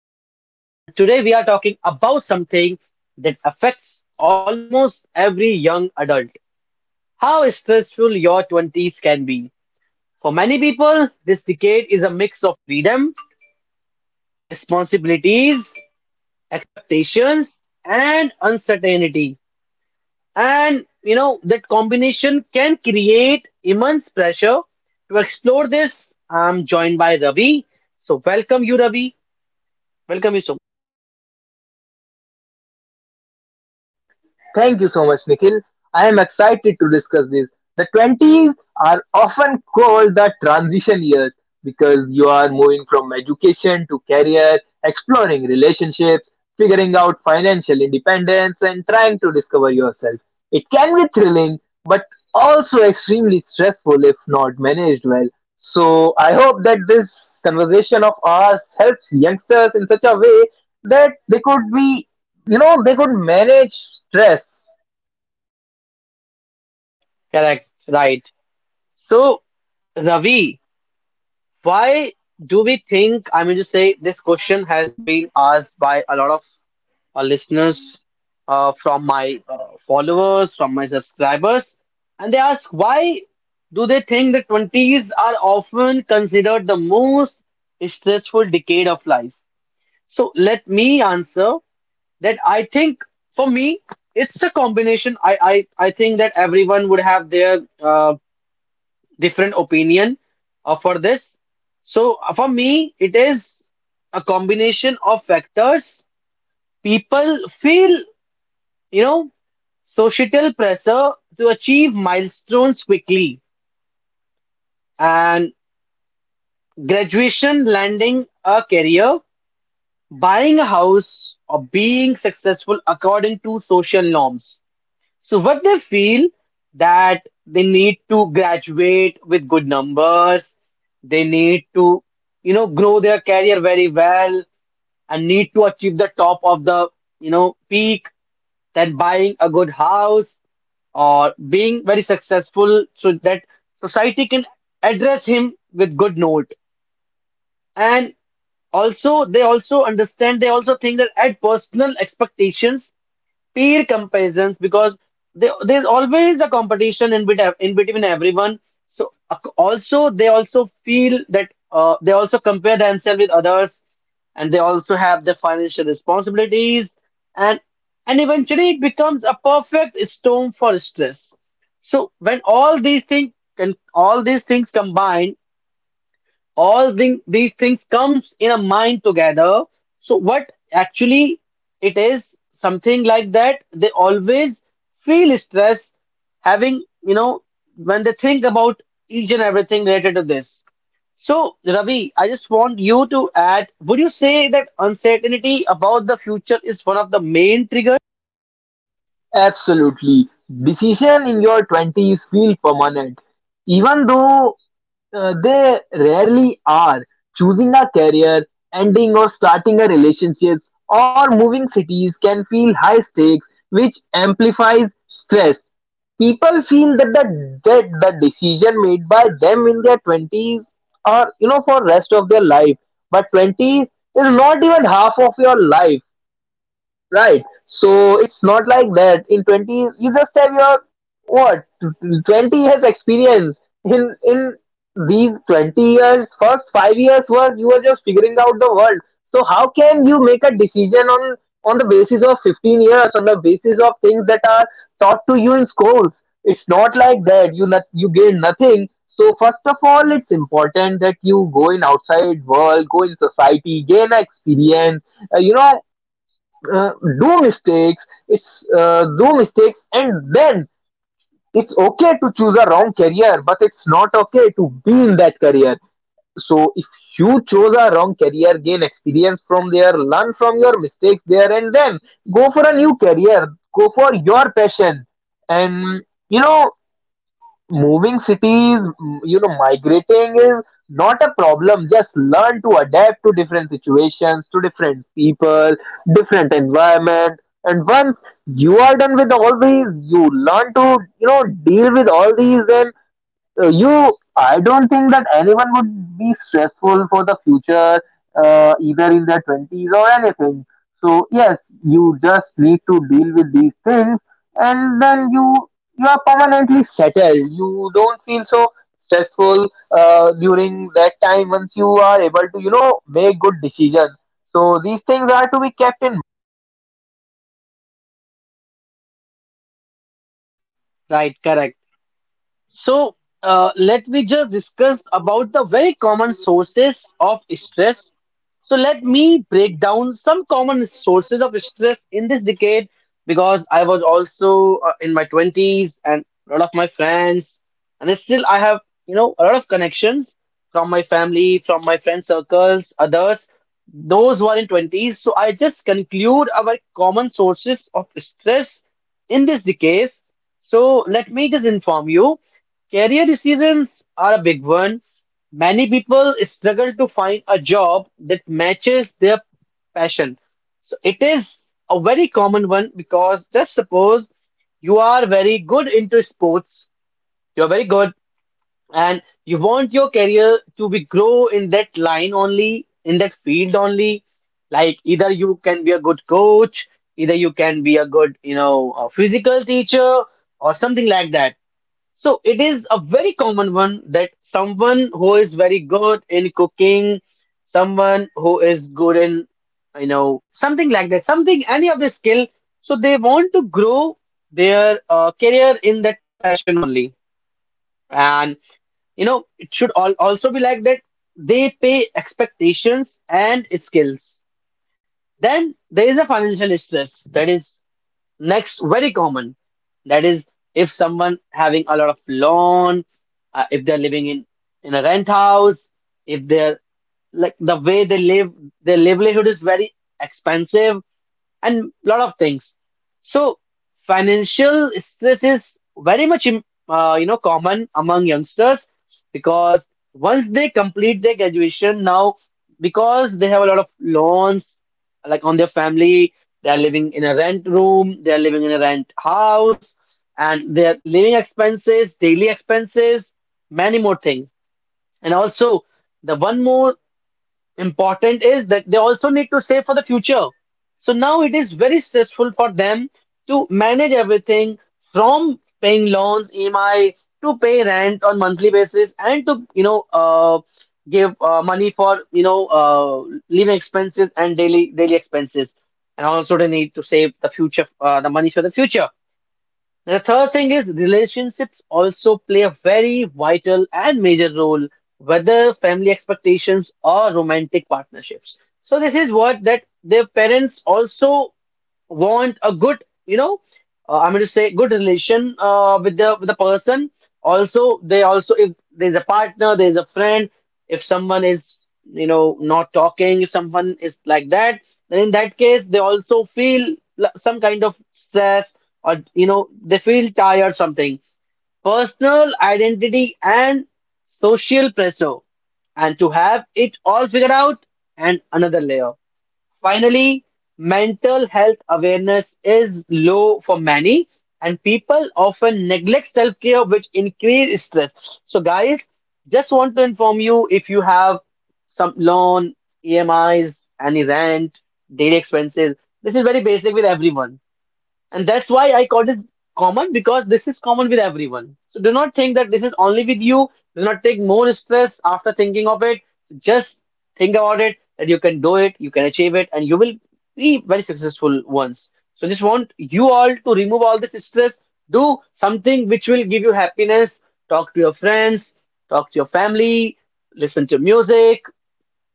host, and today we are talking about something that affects almost every young adult how stressful your 20s can be. For many people, this decade is a mix of freedom, responsibilities, expectations, and uncertainty. And that combination can create immense pressure. To explore this, I'm joined by Ravi. So, welcome you, Ravi. Welcome you, so Thank you so much, Nikhil. I am excited to discuss this. The 20s are often called the transition years because you are moving from education to career, exploring relationships, figuring out financial independence, and trying to discover yourself. It can be thrilling, but also extremely stressful if not managed well. So, I hope that this conversation of ours helps youngsters in such a way that they could be they could manage stress. correct, right. So, Ravi, why do we think, I mean, to say this question has been asked by a lot of listeners from my followers, from my subscribers, and they ask why do they think the 20s are often considered the most stressful decade of life? So let me answer that. I think for me, it's a combination. I think that everyone would have their different opinion for this. So for me, it is a combination of factors. People feel, you know, societal pressure to achieve milestones quickly and graduation, landing a career, buying a house, or being successful according to social norms. So what they feel that they need to graduate with good numbers, they need to, grow their career very well and need to achieve the top of the, peak, then buying a good house or being very successful so that society can address him with good note. And also they also understand, they also think that at personal expectations peer comparisons because there's always a competition in between everyone. So also they also feel that they also compare themselves with others, and they also have their financial responsibilities, and and eventually it becomes a perfect storm for stress. So when all these things can all these things combine these things comes in a mind together. So what actually it is something like that they always feel stress having when they think about each and everything related to this. So Ravi, I just want you to add, would you say that uncertainty about the future is one of the main triggers? Absolutely, decision in your 20s feel permanent, even though they rarely are. Choosing a career, ending or starting a relationship, or moving cities can feel high stakes, which amplifies stress. People feel that the decision made by them in their 20s are, you know, for rest of their life, but 20s is not even half of your life. Right. So it's not like that. In 20, you just have your what? 20 years experience. In these 20 years, first 5 years were you were just figuring out the world. So how can you make a decision on the basis of 15 years, on the basis of things that are taught to you in schools? It's not like that. You gain nothing. So first of all, it's important that you go in outside world, go in society, gain experience, uh, you know uh, do mistakes. It's Do mistakes, and then it's okay to choose a wrong career, but it's not okay to be in that career. So if you chose a wrong career, gain experience from there, learn from your mistakes there, and then go for a new career, go for your passion. And, you know moving cities, migrating is not a problem. Just learn to adapt to different situations, to different people, different environment. And once you are done with all these, you learn to, you know, deal with all these, then you I don't think that anyone would be stressful for the future either in their 20s or anything. So yes, you just need to deal with these things, and then you are permanently settled. You don't feel so stressful during that time, once you are able to, you know, make good decisions. So these things are to be kept in. Right, correct. So, let me just discuss about the very common sources of stress. So, let me break down some common sources of stress in this decade because I was also in my 20s, and a lot of my friends, and still I have, a lot of connections from my family, from my friend circles, others, those who are in 20s. So, I just conclude our common sources of stress in this decade. So, let me just inform you. Career decisions are a big one. Many people struggle to find a job that matches their passion. So it is a very common one because just suppose you are very good into sports, you're very good, and you want your career to be grow in that line only, in that field only. Like either you can be a good coach, either you can be a good, a physical teacher or something like that. So it is a very common one that someone who is very good in cooking, someone who is good in, something like that, something, any of the skill. So they want to grow their career in that passion only. And, it should all also be like that. They pay expectations and skills. Then there is a financial stress. That is next, very common, that is if someone having a lot of loan, if they're living in a rent house, if they're like the way they live, their livelihood is very expensive and lot of things. So financial stress is very much common among youngsters because once they complete their graduation now, because they have a lot of loans like on their family, they are living in a rent room, they are living in a rent house, and their living expenses, daily expenses, many more things. And also, the one more important is that they also need to save for the future. So now it is very stressful for them to manage everything from paying loans, EMI, to pay rent on monthly basis, and to give money for living expenses and daily expenses, and also they need to save the future, the money for the future. The third thing is relationships also play a very vital and major role, whether family expectations or romantic partnerships. So this is what that their parents also want a good, I'm going to say good relation with the person. Also, they also if there's a partner, there's a friend. If someone is not talking, if someone is like that, then in that case they also feel some kind of stress or they feel tired something. Personal identity and social pressure, and to have it all figured out and another layer. Finally, mental health awareness is low for many, and people often neglect self-care, which increase stress. So, guys, just want to inform you if you have some loan, EMIs, any rent, daily expenses. This is very basic with everyone. And that's why I call this common because this is common with everyone. So do not think that this is only with you. Do not take more stress after thinking of it. Just think about it that you can do it, you can achieve it, and you will be very successful once. So just want you all to remove all this stress. Do something which will give you happiness. Talk to your friends, talk to your family, listen to music,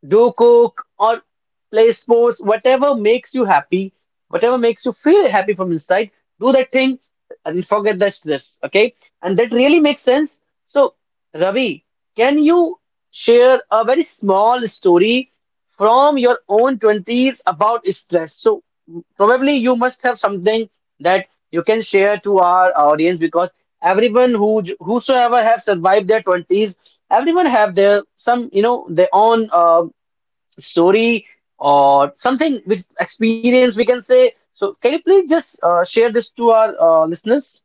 do cook or play sports, whatever makes you happy, whatever makes you feel happy from inside, do that thing and forget the stress. Okay. And that really makes sense. So, Ravi, can you share a very small story from your own 20s about stress? So, probably you must have something that you can share to our audience, because everyone who whosoever have survived their 20s, everyone have their some, their own story or something which experience we can say. So can you please just share this to our listeners?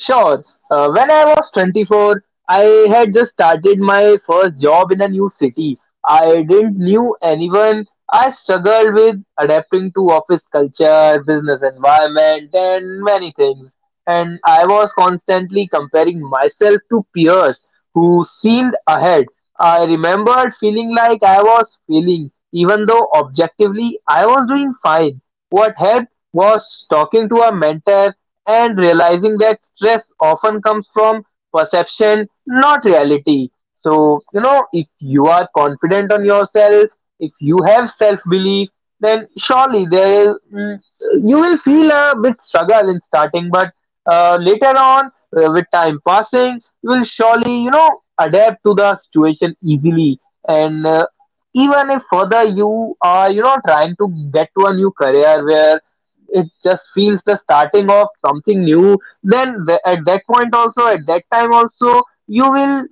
Sure. When I was 24, I had just started my first job in a new city. I didn't knew anyone. I struggled with adapting to office culture, business environment, and many things. And I was constantly comparing myself to peers who seemed ahead. I remembered feeling like I was failing, even though objectively I was doing fine. What helped was talking to a mentor and realizing that stress often comes from perception, not reality. So, you know, if you are confident on yourself, if you have self belief, then surely there is, you will feel a bit struggle in starting, but later on, with time passing, you will surely, you know, adapt to the situation easily. And even if further you are, you know, trying to get to a new career where it just feels the starting of something new, then at that point also, at that time also, you will,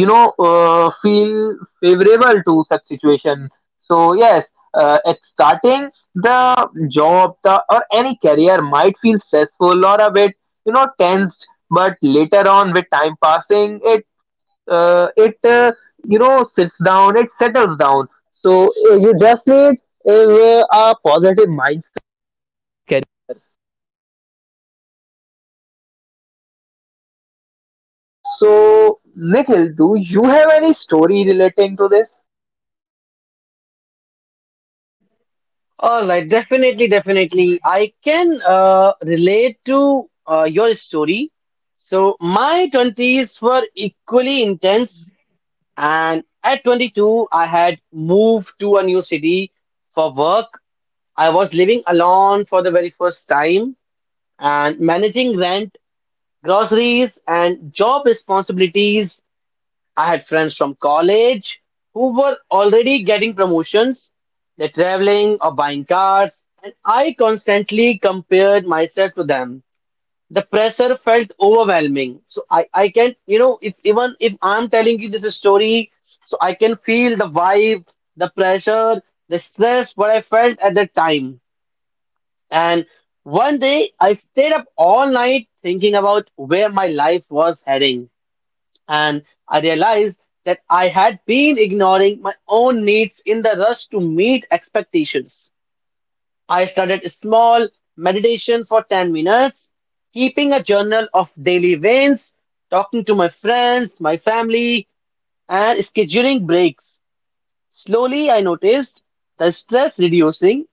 you know, feel favorable to such situation. So yes, at starting the job the or any career might feel stressful or a bit, you know, tensed, but later on with time passing it, uh, it uh, you know, sits down, it settles down. So you just need a positive. So, Nikhil, do you have any story relating to this? All right, definitely, definitely. I can relate to your story. So my 20s were equally intense, and at 22, I had moved to a new city for work. I was living alone for the very first time and managing rent, groceries, and job responsibilities. I had friends from college who were already getting promotions, they're traveling or buying cars, and I constantly compared myself to them. The pressure felt overwhelming. So I can, if even if I'm telling you this story, so I can feel the vibe, the pressure, the stress, what I felt at that time. And one day I stayed up all night thinking about where my life was heading, and I realized that I had been ignoring my own needs in the rush to meet expectations. I started small meditation for 10 minutes, keeping a journal of daily wins, talking to my friends, my family, and scheduling breaks. Slowly, I noticed the stress reducing.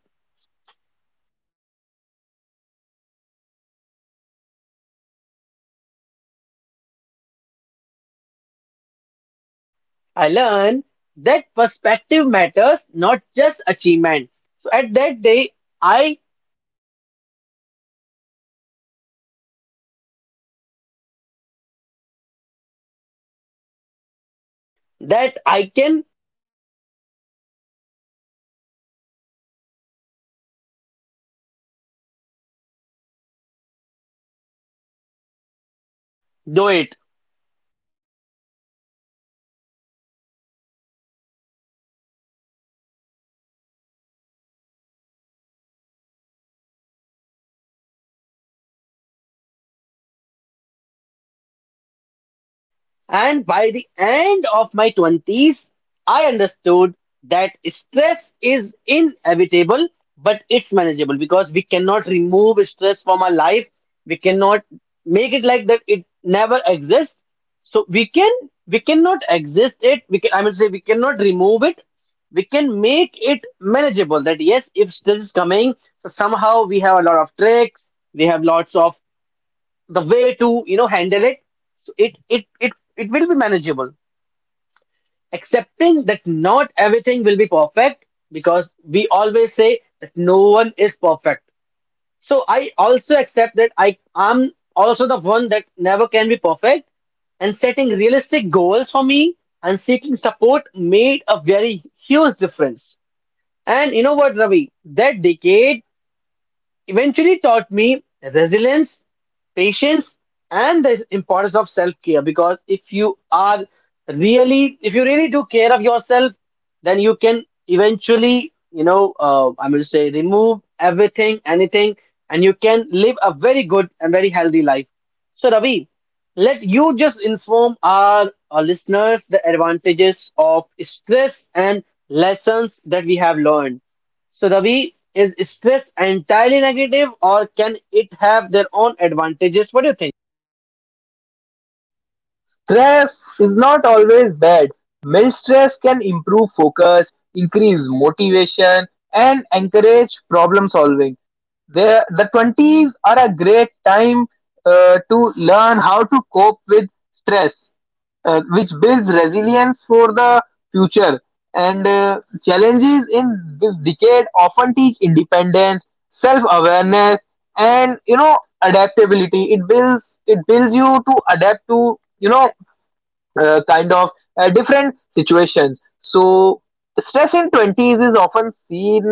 I learned that perspective matters, not just achievement. So at that day, I that I can do it. And by the end of my 20s, I understood that stress is inevitable, but it's manageable because we cannot remove stress from our life. We cannot make it like that it never exists. So we cannot exist it. We can, I mean say, we cannot remove it. We can make it manageable. That yes, if stress is coming, so somehow we have a lot of tricks. We have lots of the way to handle it, so it will be manageable, accepting that not everything will be perfect, because we always say that no one is perfect. So I also accept that I am also the one that never can be perfect, and setting realistic goals for me and seeking support made a very huge difference. And you know what, Ravi, that decade eventually taught me resilience, patience, and the importance of self care. Because if you are really, if you really do care of yourself, then you can eventually, I will say, remove everything, anything, and you can live a very good and very healthy life. So, Ravi, let you just inform our, listeners the advantages of stress and lessons that we have learned. So, Ravi, is stress entirely negative or can it have their own advantages? What do you think? Stress is not always bad. Mild stress can improve focus, increase motivation, and encourage problem solving. The 20s are a great time to learn how to cope with stress, which builds resilience for the future. And challenges in this decade often teach independence, self-awareness, and, you know, adaptability. It builds you to adapt to, you know, uh, kind of different situations. So stress in twenties is often seen,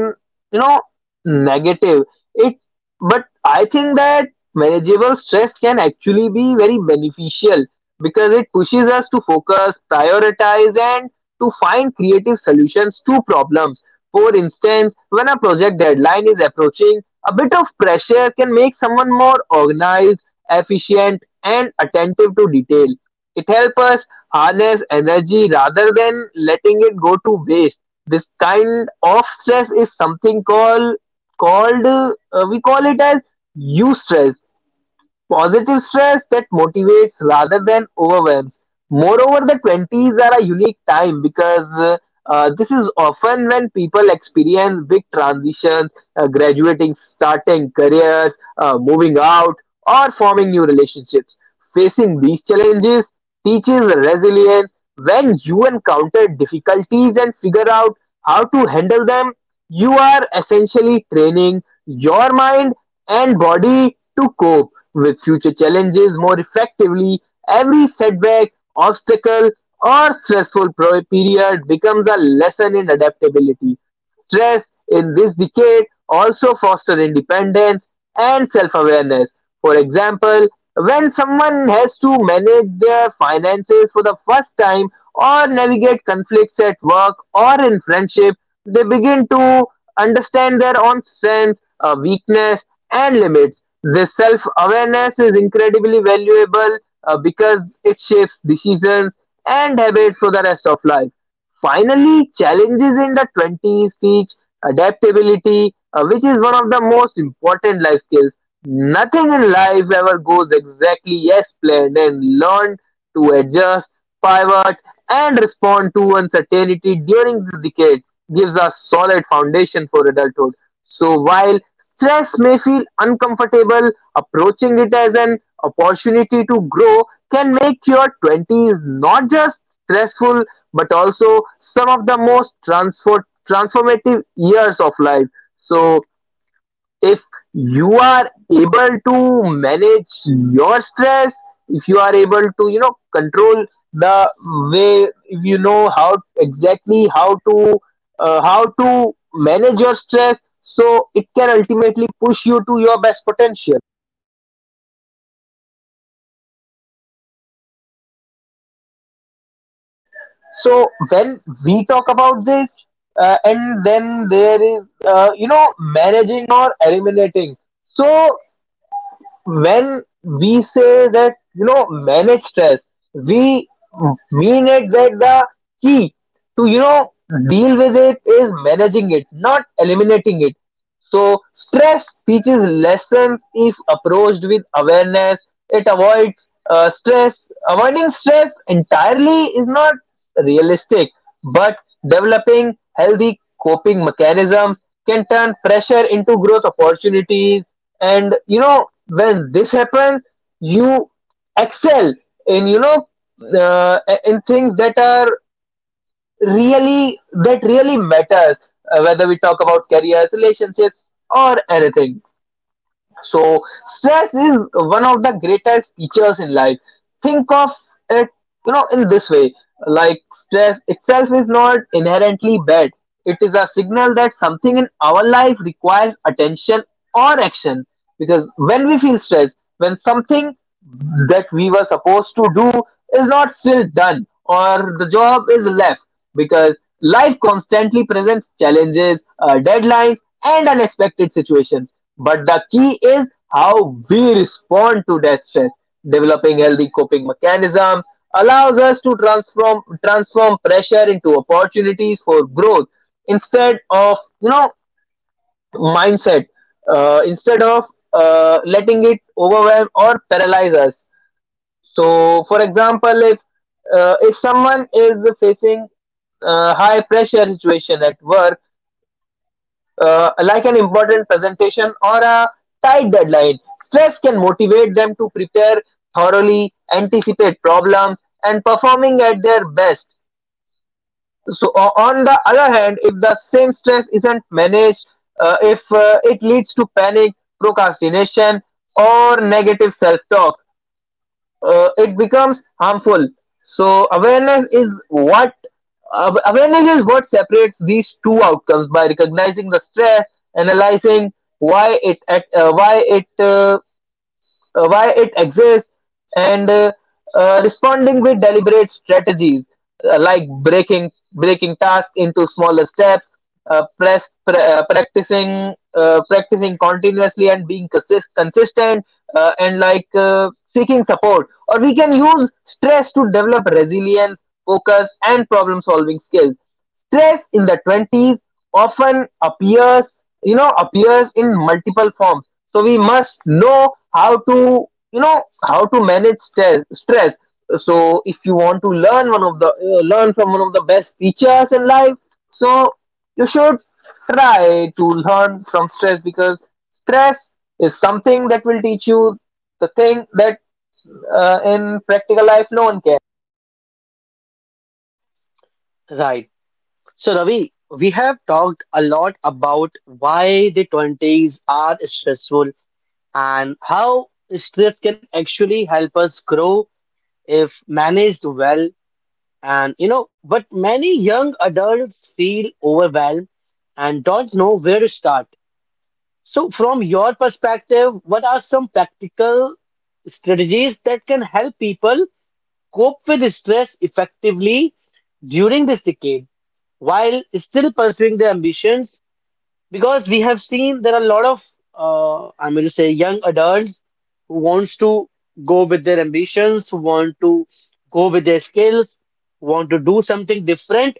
you know, negative. It, but I think that manageable stress can actually be very beneficial because it pushes us to focus, prioritize, and to find creative solutions to problems. For instance, when a project deadline is approaching, a bit of pressure can make someone more organized, efficient, and attentive to detail. It helps us harness energy rather than letting it go to waste. This kind of stress is something called called we call it as eustress, positive stress that motivates rather than overwhelms. Moreover, the 20s are a unique time because this is often when people experience big transitions, graduating, starting careers, moving out, or forming new relationships. Facing these challenges teaches resilience. When you encounter difficulties and figure out how to handle them, you are essentially training your mind and body to cope with future challenges more effectively. Every setback, obstacle, or stressful period becomes a lesson in adaptability. Stress in this decade also fosters independence and self-awareness. For example, when someone has to manage their finances for the first time or navigate conflicts at work or in friendship, they begin to understand their own strengths, weakness, and limits. This self-awareness is incredibly valuable because it shapes decisions and habits for the rest of life. Finally, challenges in the 20s teach adaptability, which is one of the most important life skills. Nothing in life ever goes exactly as planned, and learn to adjust, pivot, and respond to uncertainty during this decade gives a solid foundation for adulthood. So while stress may feel uncomfortable, approaching it as an opportunity to grow can make your 20s not just stressful but also some of the most transformative years of life. So, if you are able to manage your stress, if you are able to, you know, control the way, if you know how to manage your stress, so it can ultimately push you to your best potential. So when we talk about this, and then there is, you know, managing or eliminating, so when we say that, you know, manage stress, we mean it that the key to, you know, deal with it is managing it, not eliminating it. So stress teaches lessons if approached with awareness. It avoids stress. Avoiding stress entirely is not realistic, but developing healthy coping mechanisms can turn pressure into growth opportunities. And you know, when this happens, you excel in, you know, uh, in things that are really that really matters, whether we talk about careers, relationships, or anything. So stress is one of the greatest teachers in life. Think of it, you know, in this way, like stress itself is not inherently bad. It is a signal that something in our life requires attention or action, because when we feel stressed, when something that we were supposed to do is not still done or the job is left, because life constantly presents challenges, deadlines, and unexpected situations. But the key is how we respond to that stress. Developing healthy coping mechanisms allows us to transform pressure into opportunities for growth instead of, you know mindset instead of letting it overwhelm or paralyze us. So, for example, if someone is facing high pressure situation at work, like an important presentation or a tight deadline, stress can motivate them to prepare thoroughly, anticipate problems, and performing at their best. So, on the other hand, if the same stress isn't managed, if it leads to panic, procrastination, or negative self talk, it becomes harmful. So awareness is what separates these two outcomes by recognizing the stress, analyzing why it at why it exists, and responding with deliberate strategies, like breaking tasks into smaller steps, press, pra- practicing practicing continuously and being consistent, and like seeking support. Or we can use stress to develop resilience, focus, and problem solving skills. Stress in the 20s often appears, you know, appears in multiple forms. So we must know how to, you know, how to manage stress. So if you want to learn one of the learn from one of the best teachers in life, so you should try to learn from stress, because stress is something that will teach you the thing that in practical life no one can. Right. So, Ravi, we have talked a lot about why the 20s are stressful and how stress can actually help us grow if managed well. But many young adults feel overwhelmed and don't know where to start. So, from your perspective, what are some practical strategies that can help people cope with stress effectively during this decade while still pursuing their ambitions? Because we have seen there are a lot of, I'm going to say, young adults who wants to go with their ambitions, who want to go with their skills, want to do something different,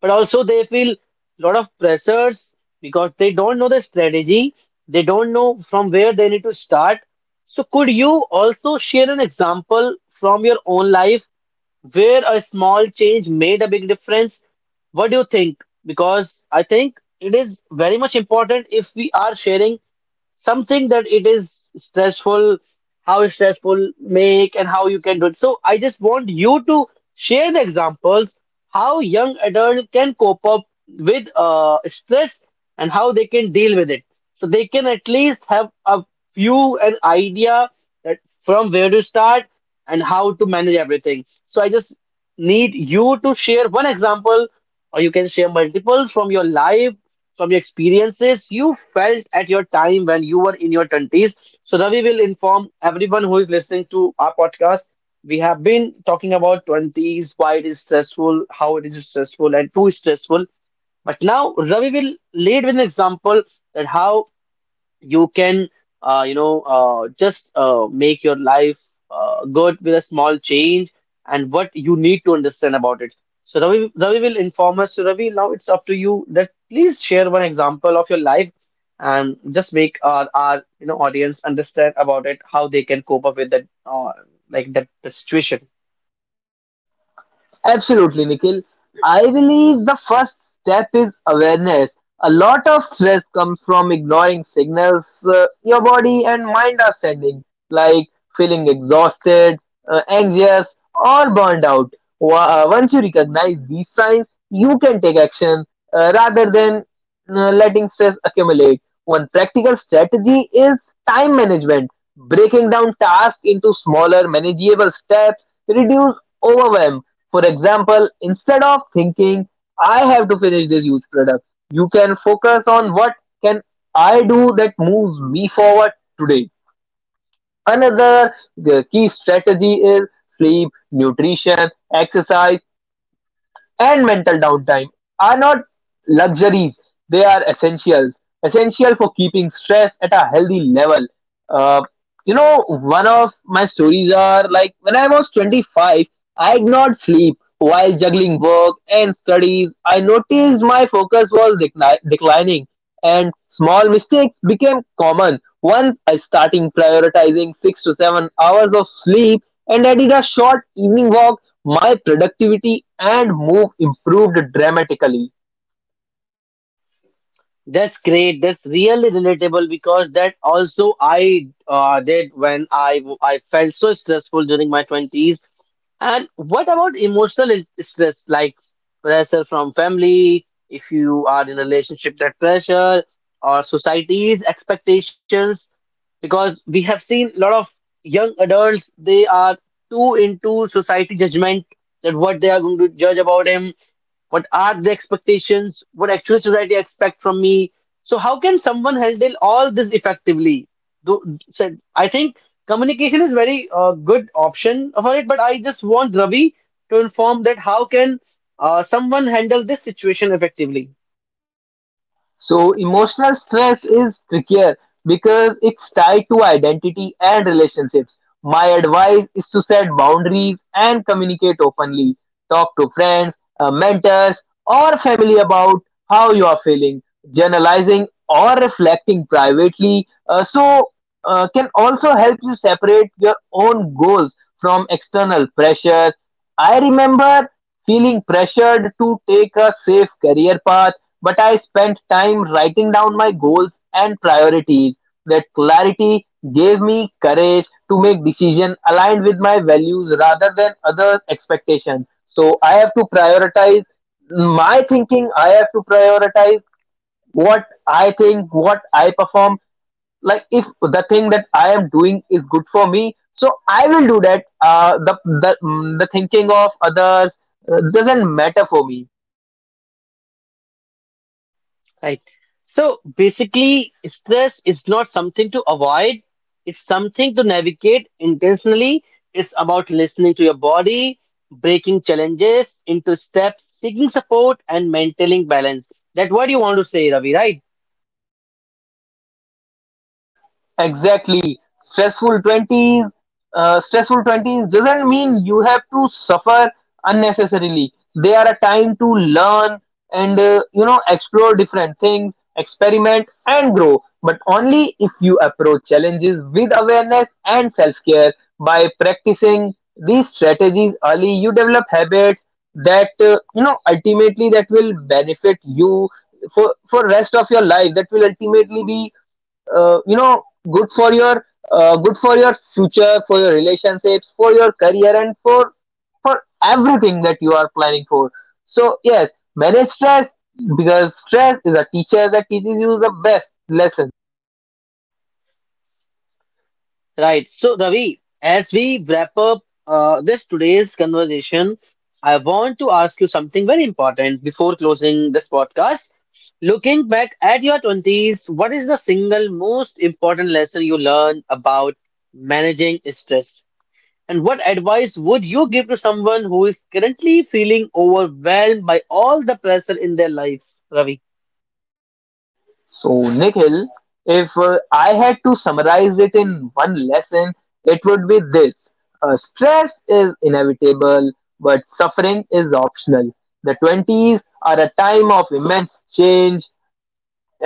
but also they feel a lot of pressures because they don't know the strategy, they don't know from where they need to start. So could you also share an example from your own life where a small change made a big difference? What do you think? Because I think it is very much important if we are sharing something that it is stressful, how stressful make and how you can do it. So I just want you to share the examples how young adult can cope up with stress and how they can deal with it. So they can at least have a view, an idea that from where to start and how to manage everything. So I just need you to share one example or you can share multiples from your life, from your experiences you felt at your time when you were in your 20s. So, Ravi will inform everyone who is listening to our podcast. We have been talking about 20s, why it is stressful, how it is stressful, and too stressful. But now, Ravi will lead with an example that how you can you know just make your life good with a small change and what you need to understand about it. So Ravi, Ravi will inform us. So Ravi, now it's up to you that please share one example of your life and just make our audience understand about it, how they can cope up with that like that situation. Absolutely, Nikhil. I believe the first step is awareness. A lot of stress comes from ignoring signals your body and mind are sending, like feeling exhausted, anxious, or burned out. Once you recognize these signs, you can take action rather than letting stress accumulate. One practical strategy is time management, breaking down tasks into smaller, manageable steps, reduce overwhelm. For example, instead of thinking, I have to finish this huge product, you can focus on what can I do that moves me forward today. Another key strategy is sleep, nutrition, exercise, and mental downtime are not luxuries, they are essentials. Essential for keeping stress at a healthy level. Uh, you know, one of my stories are like when I was 25, I did not sleep while juggling work and studies. I noticed my focus was declining and small mistakes became common. Once I started prioritizing 6 to 7 hours of sleep and I did a short evening walk, my productivity and mood improved dramatically. That's great. That's really relatable because that also I did when I felt so stressful during my 20s. And what about emotional stress, like pressure from family, if you are in a relationship, that pressure, or society's expectations? Because we have seen a lot of young adults, they are too into society judgment, that what they are going to judge about him, what are the expectations, what actual society expect from me? So how can someone handle all this effectively? Though- so I think communication is very good option for it, but I just want Ravi to inform that how can someone handle this situation effectively? So emotional stress is trickier because it's tied to identity and relationships. My advice is to set boundaries and communicate openly. Talk to friends, mentors, or family about how you are feeling. Journalizing or reflecting privately, can also help you separate your own goals from external pressure. I remember feeling pressured to take a safe career path, but I spent time writing down my goals and priorities. That clarity gave me courage to make decisions aligned with my values rather than others' expectations. So I have to prioritize my thinking, I have to prioritize what I think, what I perform, like if the thing that I am doing is good for me, so I will do that. The thinking of others doesn't matter for me. Right. So basically, stress is not something to avoid, it's something to navigate intentionally. It's about listening to your body, breaking challenges into steps, seeking support, and maintaining balance. That's what you want to say, Ravi, right? Exactly. Stressful 20s doesn't mean you have to suffer unnecessarily. They are a time to learn and, you know, explore different things, experiment and grow, but only if you approach challenges with awareness and self-care. By practicing these strategies early, you develop habits that, you know, ultimately that will benefit you for rest of your life. That will ultimately be, you know, good for your future, for your relationships, for your career, and for everything that you are planning for. So yes, manage stress because stress is a teacher that teaches you the best lesson. Right. So, Ravi, as we wrap up this today's conversation, I want to ask you something very important before closing this podcast. Looking back at your 20s, what is the single most important lesson you learned about managing stress? And what advice would you give to someone who is currently feeling overwhelmed by all the pressure in their life, Ravi? So Nikhil, if I had to summarize it in one lesson, it would be this. Stress is inevitable, but suffering is optional. The 20s are a time of immense change,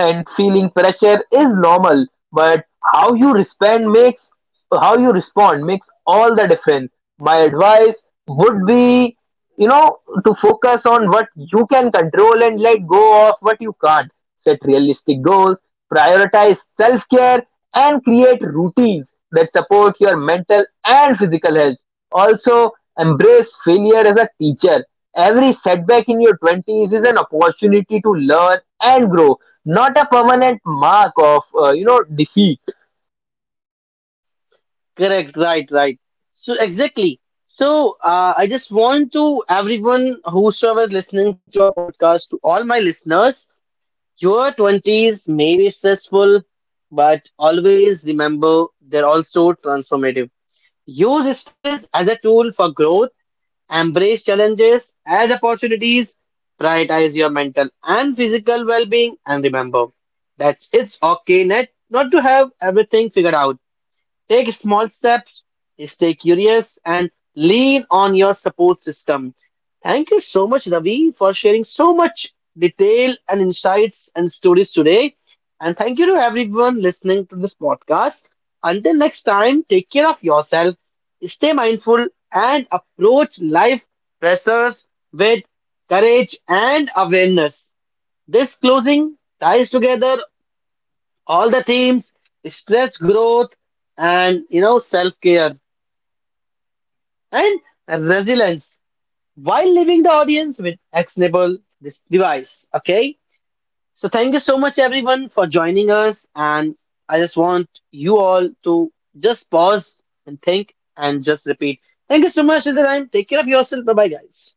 and feeling pressure is normal, but how you respond makes how you respond makes all the difference. My advice would be, you know, to focus on what you can control and let go of what you can't. Set realistic goals, prioritize self care, and create routines that support your mental and physical health. Also, embrace failure as a teacher. Every setback in your 20s is an opportunity to learn and grow, not a permanent mark of, you know, defeat. Correct, right, right. So exactly. So I just want to everyone whosoever is listening to our podcast, to all my listeners, your twenties may be stressful, but always remember they're also transformative. Use stress as a tool for growth, embrace challenges as opportunities, prioritize your mental and physical well-being, and remember that's it's okay net not to have everything figured out. Take small steps, stay curious, and lean on your support system. Thank you so much, Ravi, for sharing so much detail and insights and stories today. And thank you to everyone listening to this podcast. Until next time, take care of yourself, stay mindful, and approach life pressures with courage and awareness. This closing ties together all the themes, stress, growth, and self-care and resilience, while leaving the audience with actionable this device, okay? So thank you so much everyone for joining us, and I just want you all to just pause and think and just repeat. Thank you so much until time, take care of yourself, bye bye guys.